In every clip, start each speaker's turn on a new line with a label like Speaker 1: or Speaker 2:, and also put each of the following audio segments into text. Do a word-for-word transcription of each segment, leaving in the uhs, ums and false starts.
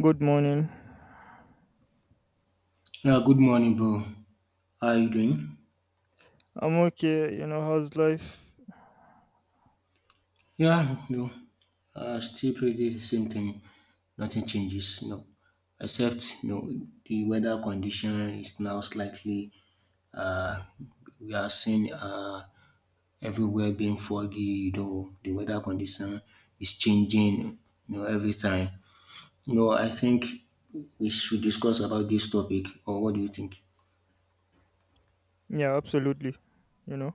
Speaker 1: Good morning.
Speaker 2: Yeah, good morning, bro. How you doing?
Speaker 1: I'm okay. You know, how's life?
Speaker 2: Yeah, no, uh, still pretty the same thing. Nothing changes, no, except no the weather condition is now slightly. Uh, we are seeing uh, everywhere being foggy. You know, the weather condition is changing. You know, every time. No, I think we should discuss about this topic. Or what do you think?
Speaker 1: Yeah, absolutely. You know,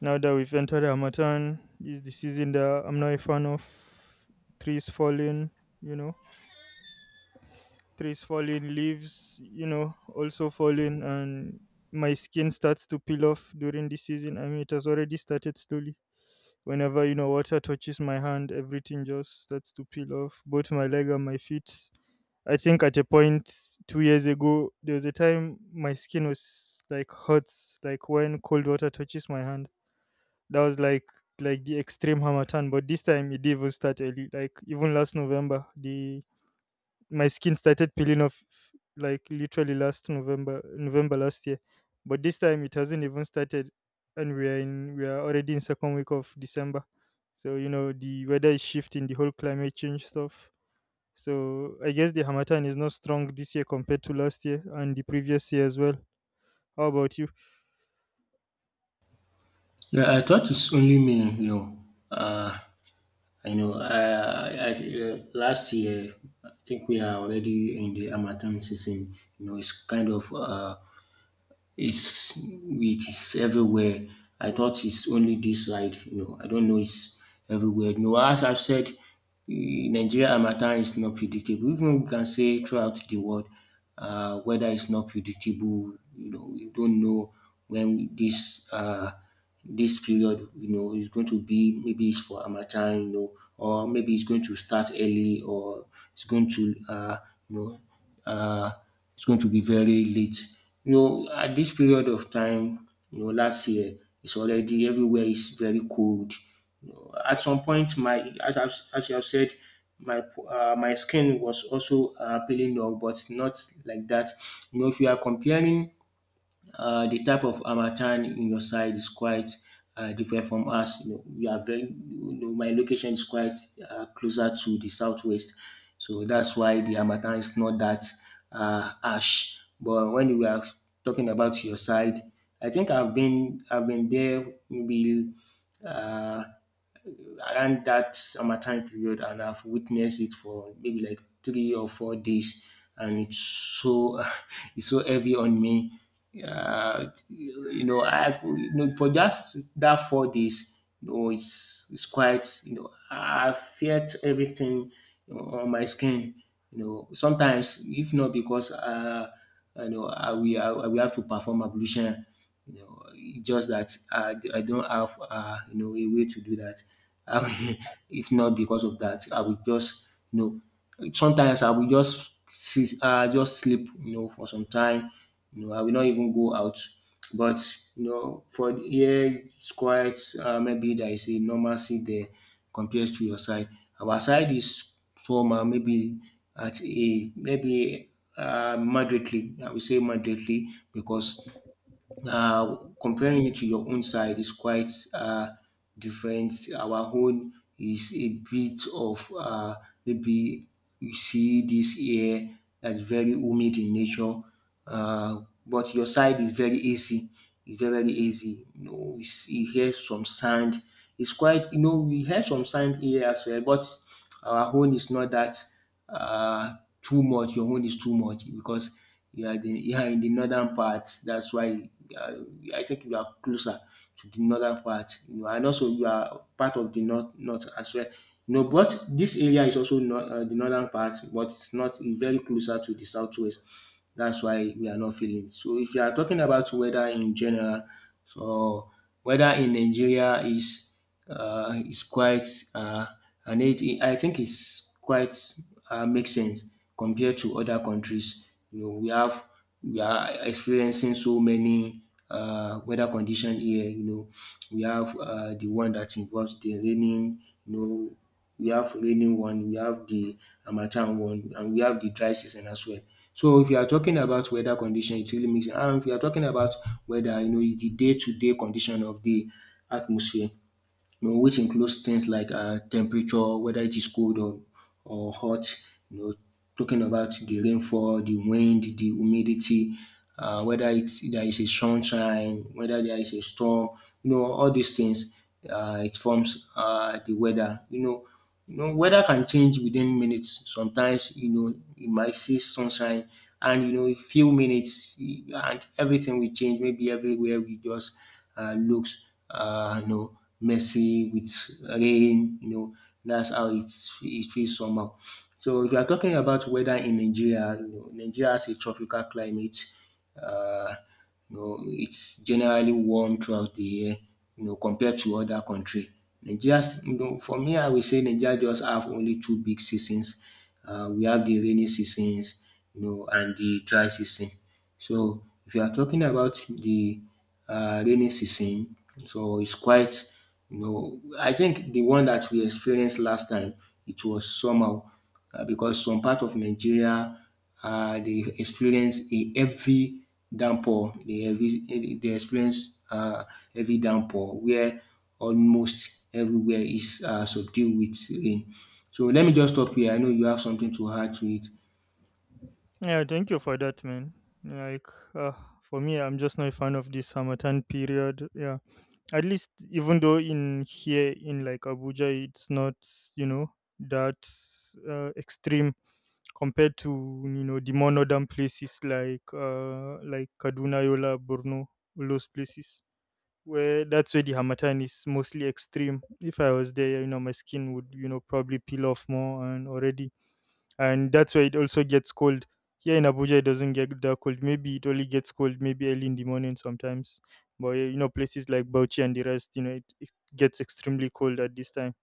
Speaker 1: Now that we've entered Hamatan, is the season that I'm not a fan of. Trees falling, you know, trees falling, leaves, you know, also falling, and my skin starts to peel off during the season. I mean, it has already started slowly. Whenever, you know, water touches my hand, everything just starts to peel off, both my leg and my feet. I think at a point two years ago, there was a time my skin was like hurts, like when cold water touches my hand. That was like like the extreme hamatan. But this time it didn't even start early. Like even last November, the my skin started peeling off like literally last November, November last year. But this time it hasn't even started, and we are in we are already in second week of December. So you know the weather is shifting, the whole climate change stuff. So I guess the harmattan is not strong this year compared to last year and the previous year as well. How about you?
Speaker 2: Yeah, I thought it's only me. You know, uh, I know. Uh, I, uh, last year, I think we are already in the Harmattan season. You know, it's kind of uh, it's it is everywhere. I thought it's only this side, you know. I don't know it's everywhere. You know, as I've said, eh, Nigeria harmattan is not predictable. Even we can say throughout the world, uh, weather is not predictable. You know, we don't know when this uh, this period, you know, is going to be. Maybe it's for harmattan, you know, or maybe it's going to start early, or it's going to, uh, you know uh, it's going to be very late. You know, at this period of time, you know, last year, it's already everywhere is very cold. You know, at some point, my as I've, as you have said, my uh, my skin was also uh, peeling off, but not like that. You know, if you are comparing uh, the type of harmattan in your side is quite uh, different from us. You know, we are very, you know, my location is quite uh, closer to the southwest, so that's why the harmattan is not that uh, harsh. But when we are talking about your side, I think I've been I've been there maybe uh, around that harmattan period, and I've witnessed it for maybe like three or four days, and it's so it's so heavy on me. Uh, you know, I you know, for just that four days, you know, it's it's quite, you know, I felt everything, you know, on my skin. You know, sometimes if not because uh you know, I we I we have to perform ablution. You know, it's just that I, I don't have uh, you know a way to do that. I will- if not because of that, I will just you know sometimes I will just sit, uh, just sleep, you know, for some time. You know, I will not even go out. But you know, for here it's quite uh, maybe there is a normalcy there compared to your side. Our side is trauma maybe at a maybe uh, moderately. I would say moderately because uh, comparing it to your own side is quite uh, different. Our own is a bit of uh, maybe you see this air that's very humid in nature, uh, but your side is very easy. It's very, very easy. You know, you, see, you hear some sound. It's quite, you know, we hear some sound here as well, but our own is not that uh, too much, your own is too much because you are the you are in the northern part, that's why um I think you are closer to the northern part. You know, and also you are part of the north north as well. You know, but this area is also not um the northern part, but it's not it's very closer to the southwest. That's why we are not feeling it. So if you are talking about weather in general, so weather in Nigeria is uh is quite uh and it, it- I think it's quite uh, makes sense compared to other countries. You know, we have we are experiencing so many uh, weather conditions here. You know, we have uh, the one that involves the raining. You know, we have raining one, we have the harmattan one, and we have the dry season as well. So if you are talking about weather condition, it really makes sense. And if you are talking about weather, you know, it's the day-to-day condition of the atmosphere, you know, which includes things like uh, temperature, whether it is cold or, or hot, you know, talking about the rainfall, the wind, the humidity, uh, whether it's, there is a sunshine, whether there is a storm, you know, all these things, uh, it forms uh, the weather. You know, you know, weather can change within minutes. Sometimes, you know, you might see sunshine and, you know, a few minutes eh, and everything will change. Maybe everywhere we just uh, looks uh, you know, messy with rain, you know, that's how it, it feels somehow. So if you are talking about weather in Nigeria, you know, Nigeria has a tropical climate. Uh, you know, it's generally warm throughout the year, you know, compared to other country. Nigeria, you know, for me, I will say Nigeria just have only two big seasons. Uh, we have the rainy seasons, you know, and the dry season. So if you are talking about the uh, rainy season. So it's quite, you know, I think the one that we experienced last time, it was summer uh, because some part of Nigeria, uh, they experience a heavy downpour. They, heavy, they experience uh, heavy downpour where almost everywhere is uh, subdued with rain. So let me just stop here. I know you have something to add to it.
Speaker 1: Yeah, thank you for that, man. Like, uh, for me, I'm just not a fan of this harmattan period. Yeah, at least even though in here in like Abuja, it's not you know that uh, extreme compared to you know the more northern places like uh like Kaduna, Yola, Borno, all those places where that's where the harmattan is mostly extreme. If I was there, you know, my skin would you know probably peel off more and already, and that's why it also gets cold. Here in Abuja, it doesn't get that cold. Maybe it only gets cold maybe early in the morning sometimes. But you know, places like Bauchi and the rest, you know, it, it gets extremely cold at this time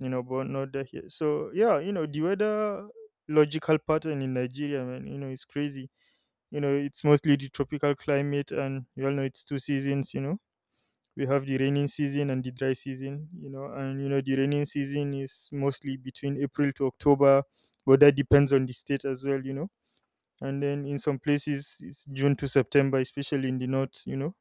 Speaker 1: you know, but not that here. So yeah, you know, the weather logical pattern in Nigeria, man, you know, it's crazy. You know, it's mostly the tropical climate, and you all know it's two seasons. You know, we have the raining season and the dry season. You know, and you know the raining season is mostly between April to October, but that depends on the state as well. You know and then in some places it's June to September, especially in the north, you know.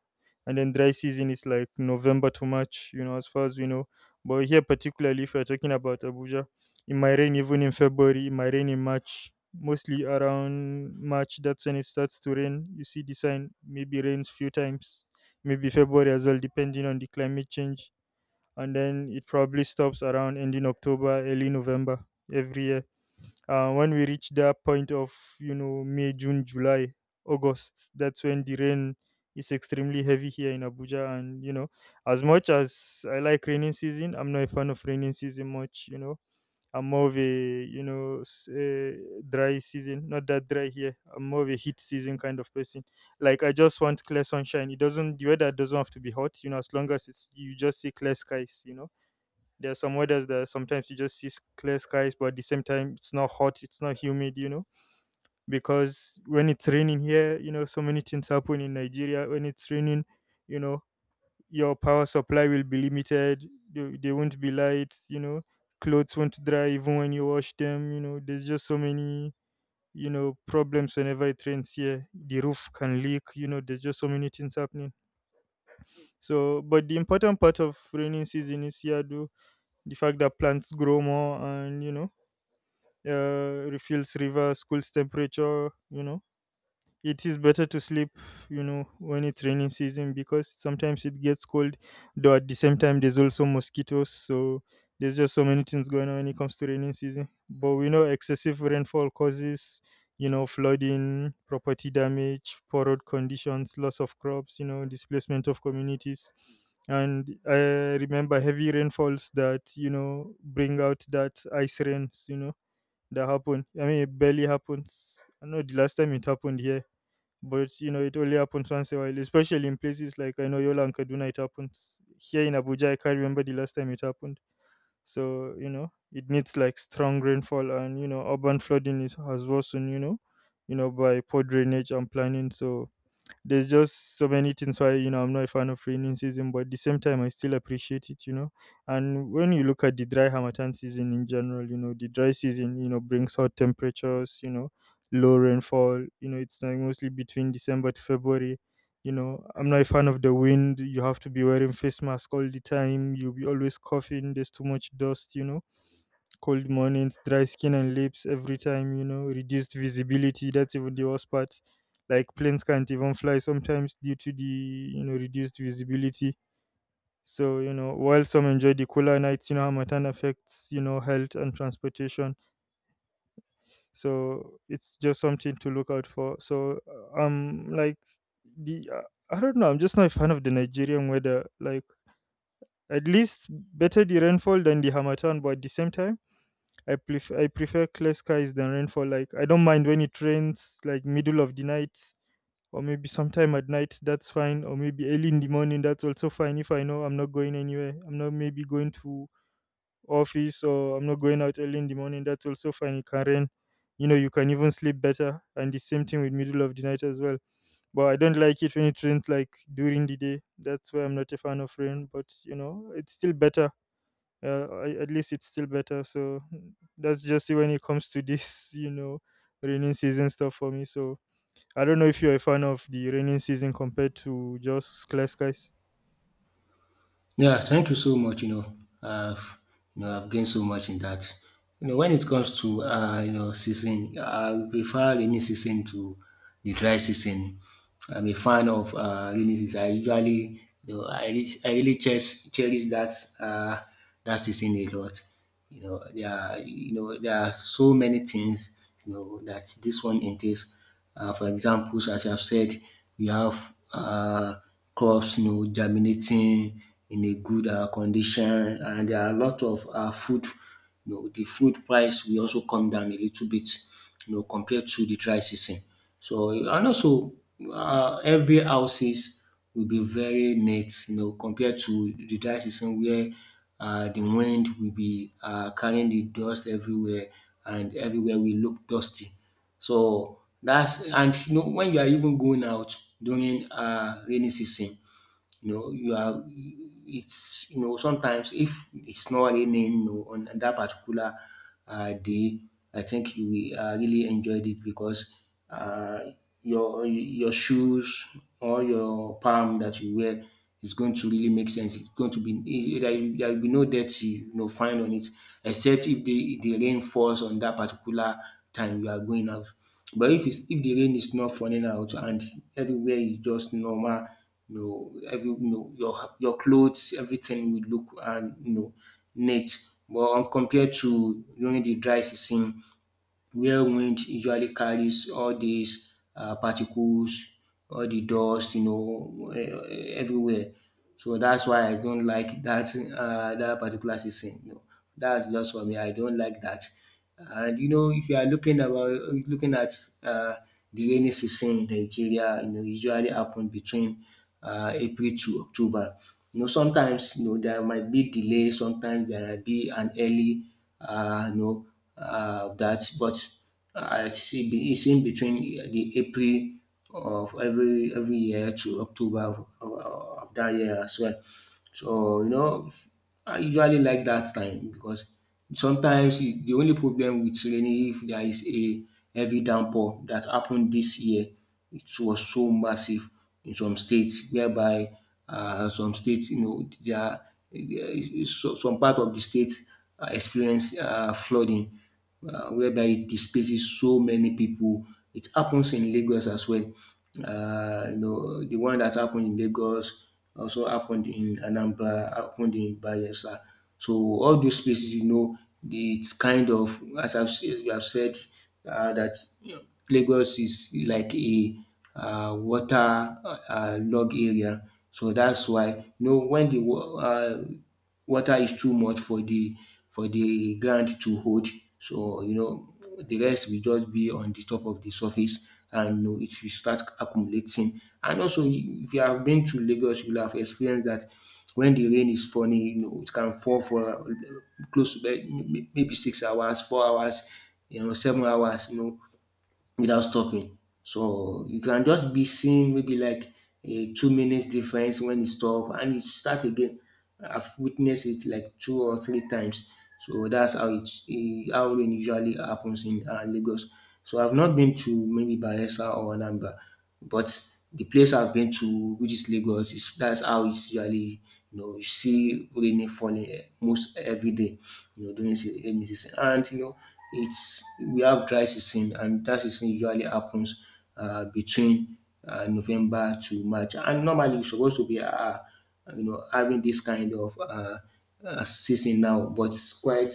Speaker 1: And then dry season is like November to March, you know, as far as we know. But here, particularly if we are talking about Abuja, it might rain even in February, it might rain in March. Mostly around March, that's when it starts to rain. You see the sign, maybe rains few times, maybe February as well, depending on the climate change. And then it probably stops around ending October, early November every year, uh, when we reach that point of you know May, June, July, August, that's when the rain is extremely heavy here in Abuja. And you know as much as I like raining season, I'm not a fan of raining season much you know I'm more of a you know s- uh, dry season, not that dry here. I'm more of a heat season kind of person. Like, I just want clear sunshine. It doesn't, the weather doesn't have to be hot, you know as long as it's, you just see clear skies, you know there are some weathers that sometimes you just see s- clear skies, but at the same time, it's not hot, it's not humid, you know. Because when it's raining here, you know, so many things happen in Nigeria. When it's raining, you know, your power supply will be limited. There, there won't be light, you know. Clothes won't dry even when you wash them, you know. There's just so many, you know, problems whenever it rains here. The roof can leak, you know. There's just so many things happening. So, but the important part of raining season is here, do the fact that plants grow more, and you know uh, refills rivers, cools temperature. You know, it is better to sleep. You know, when it's raining season because sometimes it gets cold. Though at the same time, there's also mosquitoes. So there's just so many things going on when it comes to raining season. But we know excessive rainfall causes you know flooding, property damage, poor road conditions, loss of crops. You know, displacement of communities, and I remember heavy rainfalls that you know bring out that ice rains. You know, that happen. I mean, it barely happens. I know the last time it happened here, but you know, it only happens once in a while, especially in places like I know Yola and Kaduna. It happens here in Abuja. I can't remember the last time it happened. So you know, it needs like strong rainfall, and you know, urban flooding is has worsened, You know, you know by poor drainage and planning. So there's just so many things why you know I'm not a fan of raining season, but at the same time I still appreciate it, you know. And when you look at the dry Hamatan season in general, you know, the dry season, you know, brings hot temperatures, you know, low rainfall, you know, it's like mostly between December to February. You know, I'm not a fan of the wind. You have to be wearing face mask all the time. You'll be always coughing. There's too much dust, you know cold mornings, dry skin and lips every time, you know, reduced visibility. That's even the worst part. Like planes can't even fly sometimes due to the, you know, reduced visibility. So, you know, while some enjoy the cooler nights, you know, Hamatan affects, you know, health and transportation. So it's just something to look out for. So uh, um, like the, uh, I don't know, I'm just not a fan of the Nigerian weather. Like, at least better the rainfall than the Hamatan, but at the same time, I prefer I prefer clear skies than rainfall. Like I don't mind when it rains like middle of the night or maybe sometime at night, that's fine. Or maybe early in the morning, that's also fine if I know I'm not going anywhere. I'm not maybe going to office or I'm not going out early in the morning, that's also fine. It can rain. You know, you can even sleep better. And the same thing with middle of the night as well. But I don't like it when it rains like during the day. That's why I'm not a fan of rain. But you know, it's still better, uh, a- at least it's still better. So mm, that's just it when it comes to this, you know, raining season stuff for me. So I don't know if you're a fan of the raining season compared to just clear skies.
Speaker 2: Yeah, thank you so much. You know, I've you know I've gained so much in that. You know, when it comes to uh, you know season, I prefer rainy season to the dry season. I'm a fan of uh, rainy season. I usually you know I really, I really cherish, cherish that uh, that season a lot. You know, there are you know there are so many things you know that this one entails. Uh, for examples, as I've said, we have uh, crops you know germinating in a good uh, condition, and there are a lot of uh, food, you know, the food price will also come down a little bit, you know, compared to the dry season. So and also uh, every houses will be very neat, you know, compared to the dry season where uh, the wind will be uh, carrying the dust everywhere, and everywhere will look dusty. So that's, and you know when you are even going out during uh, rainy season, you know you are, it's, you know, sometimes if it's not raining, you know, on that particular uh, day, I think you will uh, really enjoyed it because uh, your your shoes or your palm that you wear is going to really make sense. It's going to be it- there there will be no dirty you know find on it, except if the the rain falls on that particular time you are going out. But if it's if the rain is not falling out, and everywhere is just normal, you know, every you know, your your clothes, everything will look and you know neat. But um, compared to during the dry season, where wind usually carries all these uh, particles, all the dust, you know, eh, everywhere. So that's why I don't like that uh, that particular season. You know, that's just for me. I don't like that. And you know, if you are looking about looking at uh, the rainy season in Nigeria, you know, usually happen between uh, April to October. You know, sometimes you know there might be delay. Sometimes there might be an early, uh, you know uh, that, but I see be- it's in between uh, the April of every every year to October of, of, of that year as well. So you know, I usually like that time because sometimes it- the only problem with rainy if there is a heavy downpour that happened this year, it was so massive in some states whereby uh, some states you know there are- there is- so- some part of the states uh, experience uh, flooding, uh, whereby it displaces so many people. It happens in Lagos as well. Uh, you know, the one that happened in Lagos also happened in Anambra, happened in Bayelsa. So all those places, you know, the- it's kind of as I've, s- we have said uh, that you know, Lagos is like a uh, water uh, uh, log area. So that's why you know when the wa- uh, water is too much for the for the ground to hold. So you know the rest will just be on the top of the surface, and you know, it will start accumulating. And also if you have been to Lagos, you will have experienced that when the rain is falling, you know, it can fall for close to may- maybe six hours, four hours, you know, seven hours, you know, without stopping. So you can just be seeing maybe like a two minutes difference when it stop and it start again. I've witnessed it like two or three times. So that's how it, eh, how rain usually happens in uh, Lagos. So I've not been to maybe Bayelsa or Anambra, but the place I've been to, which is Lagos, is that's how it's usually you know you see rain falling eh, most every day, you know during se- rainy season, and you know it's we have dry season, and dry season usually happens uh, between uh, November to March, and normally it's supposed to be. Uh, you know, having this kind of uh, uh, season now, but it's quite,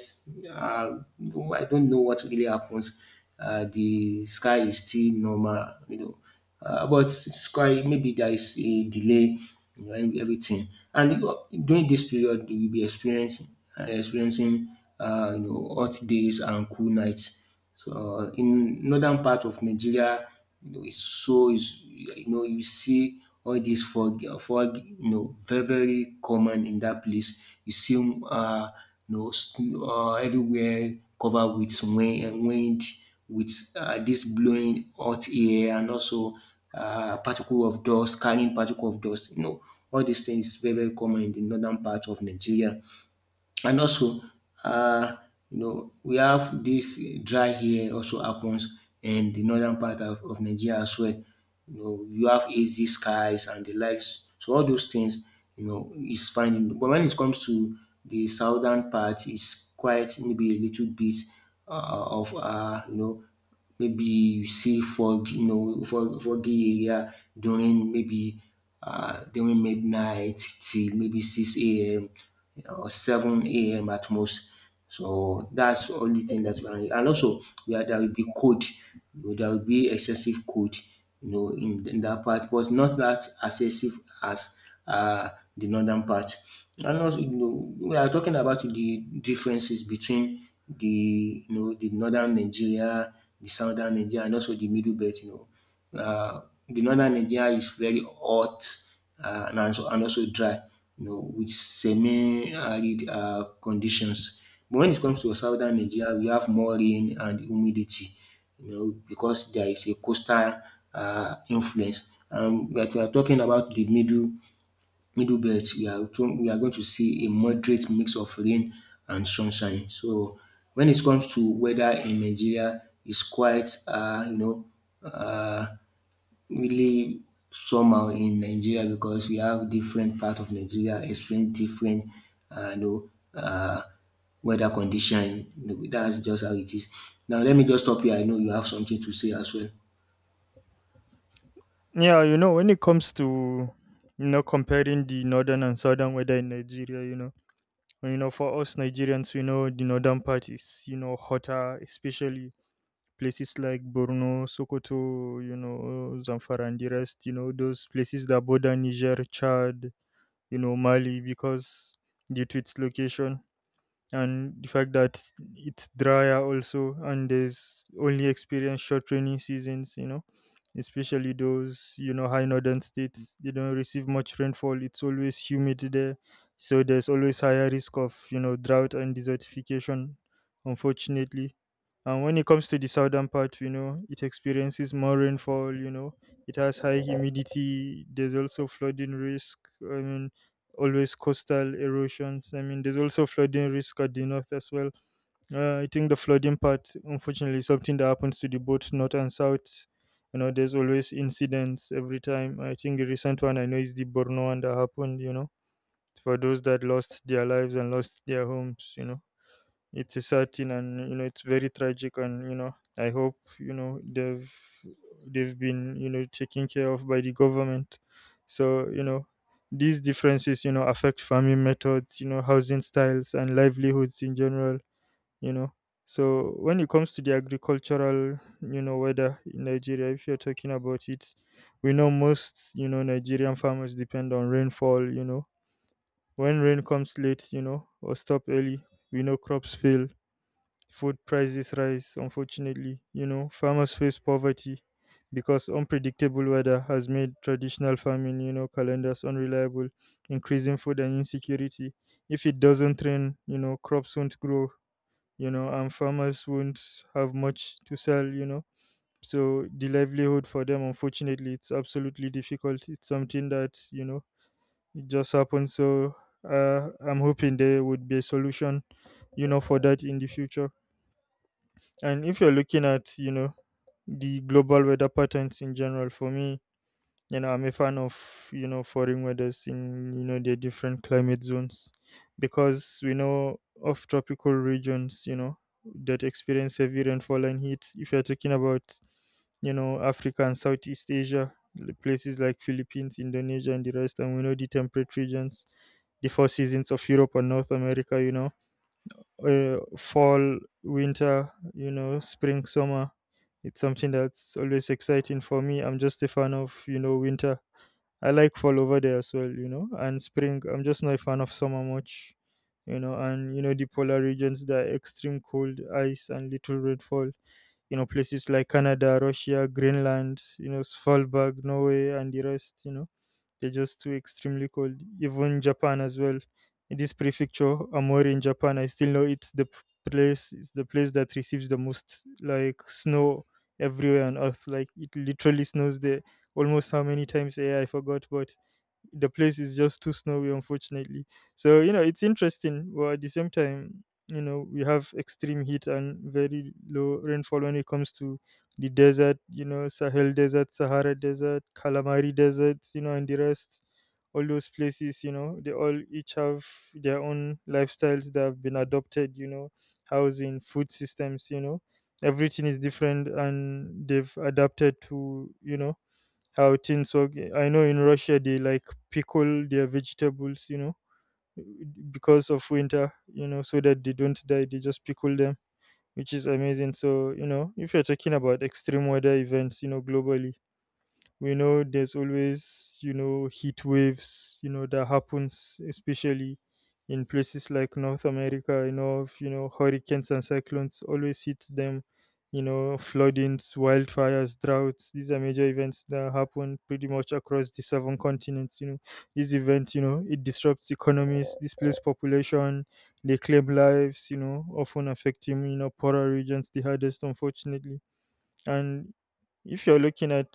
Speaker 2: uh, no, I don't know what really happens. Uh, the sky is still normal, you know, uh, but it's quite, maybe there is a delay you know, in every- everything. And you know, during this period, you will be experiencing, uh, experiencing, uh, you know, hot days and cool nights. So uh, in northern part of Nigeria, you know, it's so is you know you see all these fog, fog, you know, very very common in that place. You see, uh, you know, st- uh, everywhere covered with wind, wind with uh, this blowing hot air and also uh, particle of dust, carrying particle of dust. You know, all these things very very common in the northern part of Nigeria. And also, uh, you know, we have this dry here also happens in the northern part of, of Nigeria as well. You know, you have hazy skies and the likes. So all those things, you know, is fine. But when it comes to the southern part, it's quite maybe a little bit uh, of uh, you know Maybe you see fog, you know, fog, foggy area during maybe uh, during midnight till maybe six a m or seven a m at most. So that's the only thing that you can. And also, yeah, there will be cold. You know, there will be excessive cold, you know, in, in that part, but not that excessive as uh, the northern part. And also, you know, we are talking about the differences between the you know the northern Nigeria, the southern Nigeria, and also the middle belt. You know, uh, the northern Nigeria is very hot uh, and also and also dry. You know, with semi-arid uh, conditions. But when it comes to southern Nigeria, we have more rain and humidity. You know, because there is a coastal uh, influence. Um, but we are talking about the middle middle belt, we are to we are going to see a moderate mix of rain and sunshine. So when it comes to weather in Nigeria, it's quite uh, you know uh, really somehow in Nigeria because we have different part of Nigeria experience different uh, you know uh, weather condition. That's just how it is. Now let me just stop here. I know you have something to say as well.
Speaker 1: Yeah, you know, when it comes to you know comparing the northern and southern weather in Nigeria, you know, you know for us Nigerians, we know the northern part is you know hotter, especially places like Borno, Sokoto, you know, Zamfara and the rest. You know those places that border Niger, Chad, you know, Mali, because due to its location and the fact that it's drier also, and there's only experience short rainy seasons, you know, especially those, you know, high northern states, they don't receive much rainfall. It's always humid there. So there's always higher risk of, you know, drought and desertification, unfortunately. And when it comes to the southern part, you know, it experiences more rainfall, you know, it has high humidity, there's also flooding risk. I mean, always coastal erosions. I mean, there's also flooding risk at the north as well. Uh, I think the flooding part, unfortunately, is something that happens to the both north and south. You know, there's always incidents every time. I think the recent one I know is the Borno one that happened, you know, for those that lost their lives and lost their homes, you know. It's a sad thing, and you know it's very tragic. And you know, I hope you know they've they've been you know taken care of by the government. So you know these differences you know affect farming methods, you know housing styles and livelihoods in general. You know, so when it comes to the agricultural you know weather in Nigeria, if you're talking about it, we know most you know Nigerian farmers depend on rainfall. You know when rain comes late, you know or stop early, we know crops fail. Food prices rise, unfortunately. You know, farmers face poverty because unpredictable weather has made traditional farming, you know, calendars unreliable, increasing food and insecurity. If it doesn't rain, you know, crops won't grow, you know, and farmers won't have much to sell, you know. So the livelihood for them, unfortunately, it's absolutely difficult. It's something that, you know, it just happens. So uh, I'm hoping there would be a solution, you know, for that in the future. And if you're looking at, you know, the global weather patterns in general, for me, you know, I'm a fan of, you know, foreign weathers in, you know, their different climate zones because we know of tropical regions, you know, that experience heavy rainfall and heat. If you're talking about, you know, Africa and Southeast Asia, the places like Philippines, Indonesia, and the rest. And we know the temperate regions, the four seasons of Europe and North America, you know uh, fall, winter, you know, spring, summer. It's something that's always exciting for me. I'm just a fan of, you know, winter. I like fall over there as well, you know, and spring. I'm just not a fan of summer much, you know, and you know the polar regions, the extreme cold, ice, and little rainfall. You know, places like Canada, Russia, Greenland, you know, Svalbard, Norway, and the rest. You know, they're just too extremely cold. Even Japan as well. In this prefecture, Amori in Japan, I still know it's the p- place. It's the place that receives the most like snow everywhere on Earth. Like it literally snows there almost how many times, yeah, I forgot, but the place is just too snowy, unfortunately. So you know, it's interesting. Well, at the same time, you know, we have extreme heat and very low rainfall when it comes to the desert. You know, Sahel Desert, Sahara Desert, Calamari Desert, you know, and the rest. All those places, you know, they all each have their own lifestyles that have been adopted. You know, housing, food systems. You know, everything is different, and they've adapted to. you know I would think so. I know in Russia they like pickle their vegetables, you know, because of winter, you know, so that they don't die. They just pickle them, which is amazing. So, you know, if you're talking about extreme weather events, you know, globally, we know there's always you know heat waves you know that happens, especially in places like North America, you know of you know hurricanes and cyclones always hit them, you know floodings, wildfires, droughts. These are major events that happen pretty much across the seven continents. You know these events, you know it disrupts economies, displaces population, they claim lives, you know often affecting you know poorer regions the hardest, unfortunately. And if you're looking at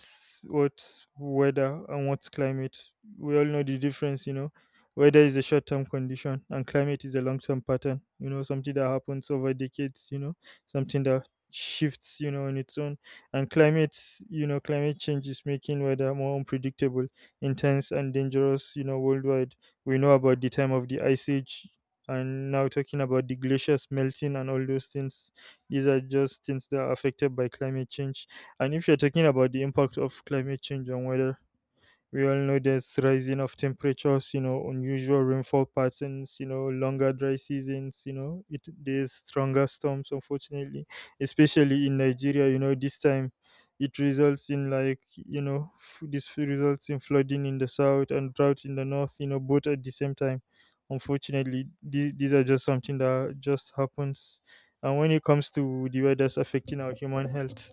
Speaker 1: what weather and what's climate, we all know the difference, you know. Weather is a short term condition, and climate is a long term pattern, you know, something that happens over decades, you know, something that shifts, you know, on its own. And climate, you know, climate change is making weather more unpredictable, intense, and dangerous, you know, worldwide. We know about the time of the ice age, and now talking about the glaciers melting and all those things. These are just things that are affected by climate change. And if you're talking about the impact of climate change on weather, we all know there's rising of temperatures, you know unusual rainfall patterns, you know longer dry seasons, you know it there's stronger storms, unfortunately, especially in Nigeria. You know this time, it results in like you know f- this f- results in flooding in the south and drought in the north, you know both at the same time. Unfortunately, these, these are just something that just happens. And when it comes to the weather's affecting our human health,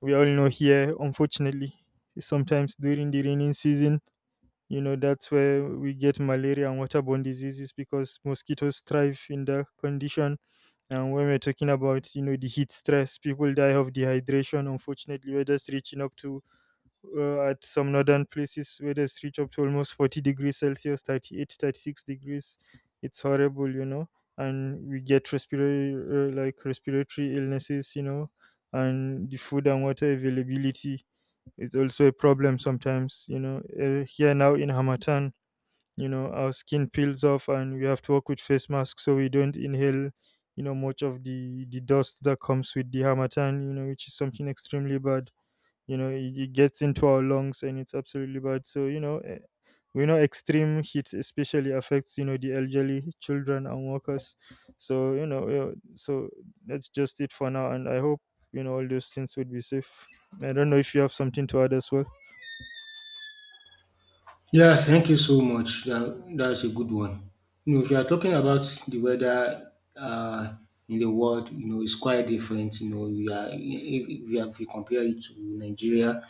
Speaker 1: we all know here, unfortunately, sometimes during the raining season, you know that's where we get malaria and waterborne diseases because mosquitoes thrive in that condition. And when we're talking about you know the heat stress, people die of dehydration, unfortunately. Weather's reaching up to uh, at some northern places weather's reach up to almost forty degrees Celsius, thirty eight, thirty six degrees. It's horrible, you know and we get respiratory uh, like respiratory illnesses, you know and the food and water availability, it's also a problem sometimes, you know. Uh, here now in Hamatan, you know, our skin peels off, and we have to work with face masks so we don't inhale, you know, much of the, the dust that comes with the Hamatan, you know, which is something extremely bad. You know, it, it gets into our lungs, and it's absolutely bad. So, you know, eh, we know extreme heat especially affects you know the elderly, children, and workers. So you know yeah, so that's just it for now. And I hope you know all those things would be safe. I don't know if you have something to add as well.
Speaker 2: Yeah, thank you so much. That, that's a good one. You know, if you are talking about the weather uh, in the world, you know, it's quite different. You know, we are if, if, we are- if you compare it to Nigeria,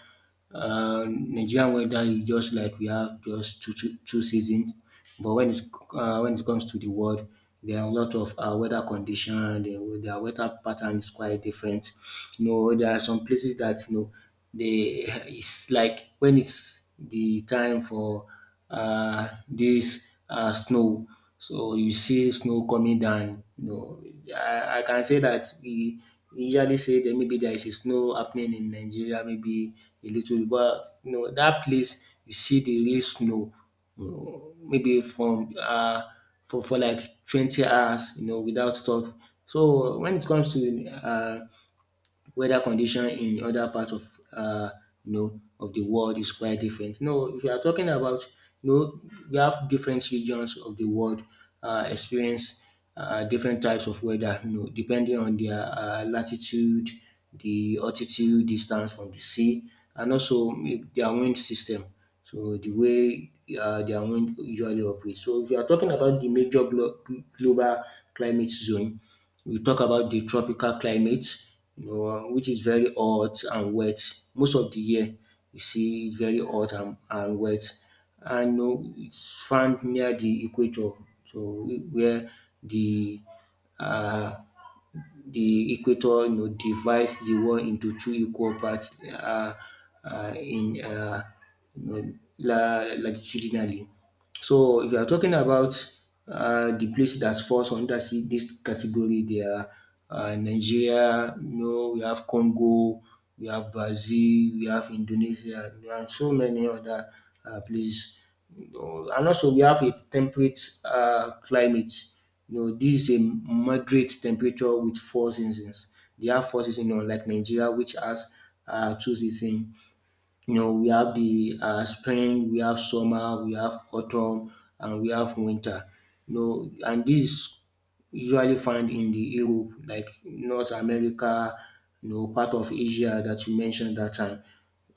Speaker 2: uh, Nigerian weather is just like we have just two, two, two seasons, but when it uh, when it comes to the world, there are a lot of uh, weather condition. The, the weather pattern is quite different. You know, there are some places that you know they it's like when it's the time for uh, this uh, snow. So you see snow coming down. You know, I, I can say that we usually say that maybe there is a snow happening in Nigeria, maybe a little, bit, but you know that place you see the real snow. You know, maybe from uh, for for like twenty hours, you know, without stop. So when it comes to uh, weather condition in other parts of uh, you know of the world is quite different. No, if you are talking about you know we have different regions of the world uh, experience uh, different types of weather. You know, depending on their uh, latitude, the altitude, distance from the sea, and also eh, their wind system. So the way uh, their wind usually operate. So if you are talking about the major glo- global climate zone, we talk about the tropical climate, you know, which is very hot and wet. Most of the year, you see it's very hot and, and wet. And you know, it's found near the equator, so where the uh, the equator you know, divides the world into two equal parts uh, uh, in uh, you know, la- latitudinally. So if you are talking about uh, the place that falls under si- this category, there are uh, Nigeria, you know, we have Congo, we have Brazil, we have Indonesia, there are so many other uh, places. Uh, And also we have a temperate uh, climate. You know, this is a moderate temperature with four seasons. They have four seasons, you know, like Nigeria, which has uh, two seasons. You know, we have the uh, spring, we have summer, we have autumn, and we have winter. You know, and this usually found in the Europe, like North America, you know, part of Asia that you mentioned that time.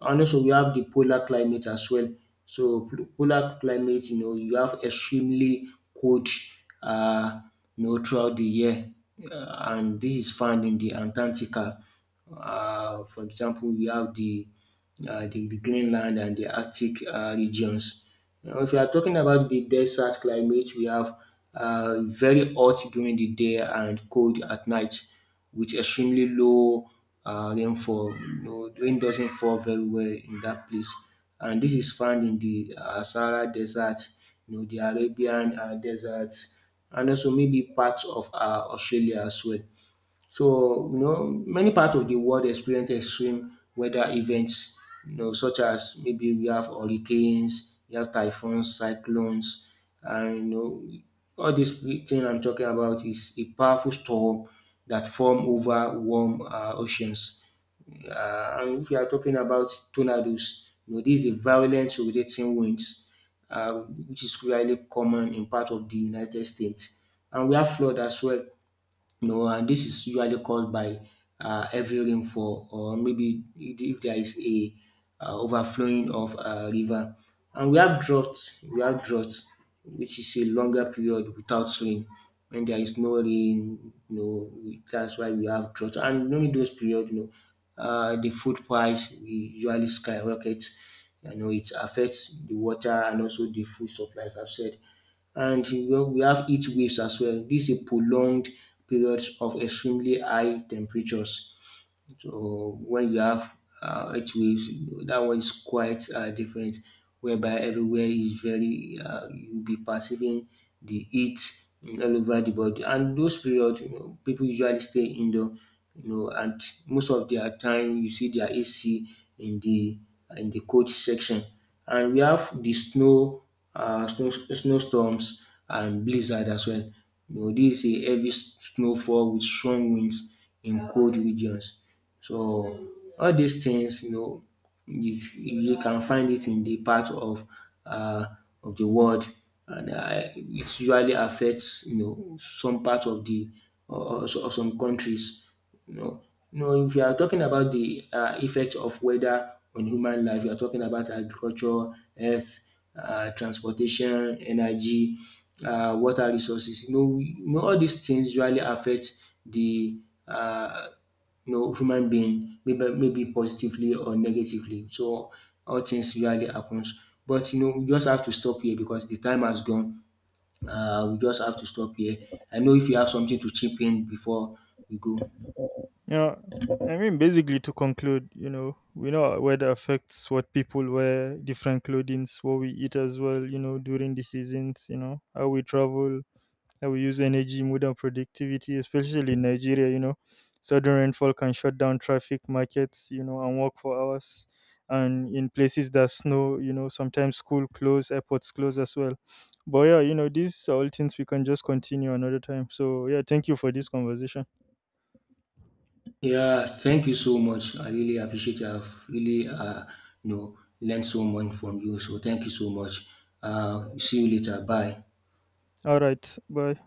Speaker 2: And also we have the polar climate as well. So pol- polar climate, you know, you have extremely cold, uh, you know, throughout the year, uh, and this is found in the Antarctica. Uh, for example, we have the, uh, the the Greenland and the Arctic uh, regions. Now, if you are talking about the desert climate, we have uh, very hot during the day and cold at night, with extremely low uh, rainfall. You know, rain doesn't fall very well in that place, and this is found in the uh, Sahara Desert, you know, the Arabian uh, deserts, and also maybe parts of uh, Australia as well. So, you know, many parts of the world experience extreme weather events, you know, such as maybe we have hurricanes, we have typhoons, cyclones, and you know, all this thing I'm talking about is a powerful storm that form over warm uh, oceans. Uh, and if you are talking about tornadoes, you know, this is a violent rotating winds, uh, which is really common in part of the United States. And we have flood as well you know, and this is usually caused by uh, heavy rainfall or maybe if there is a uh, overflowing of a river. And we have droughts, we have droughts, which is a longer period without rain. When there is no rain, you know, that's why we have drought. And during those periods, you know, uh, the food price usually skyrockets. You know, it affects the water and also the food supplies. I've said and well, we have heat waves as well. This is a prolonged periods of extremely high temperatures. So when you have uh, earth waves, that one is quite uh, different, whereby everywhere is very, uh, you'll be perceiving the heat in all over the body. And those periods, you know, people usually stay indoor, you know, and most of their time you see their A C in the in the cold section. And we have the snow, uh, snow snowstorms and blizzard as well. You know, this is a heavy snowfall with strong winds in cold regions. So all these things, you know, is you can find it in the part of uh, of the world, and uh, it usually affects you know some part of the or, or some countries. You know, you know, if you are talking about the uh, effect of weather on human life, you are talking about agriculture, health, uh, transportation, energy, uh, water resources. You know, we- you know, all these things usually affect the uh, you know human being, maybe maybe positively or negatively. So all things usually happens. But you know, we just have to stop here because the time has gone. Uh, we just have to stop here. I know if you have something to chip in before we go.
Speaker 1: Yeah, I mean, basically, to conclude, you know, we know weather affects what people wear, different clothings, what we eat as well, you know, during the seasons, you know, how we travel, that will use energy, mood, and productivity, especially in Nigeria. You know, sudden rainfall can shut down traffic, markets, you know, and work for hours. And in places that snow, you know, sometimes school close, airports close as well. But yeah, you know, these are all things we can just continue another time. So yeah, thank you for this conversation.
Speaker 2: Yeah, thank you so much. I really appreciate you. I've really, uh, you know, learned so much from you. So thank you so much. Uh, see you later. Bye.
Speaker 1: All right, bye.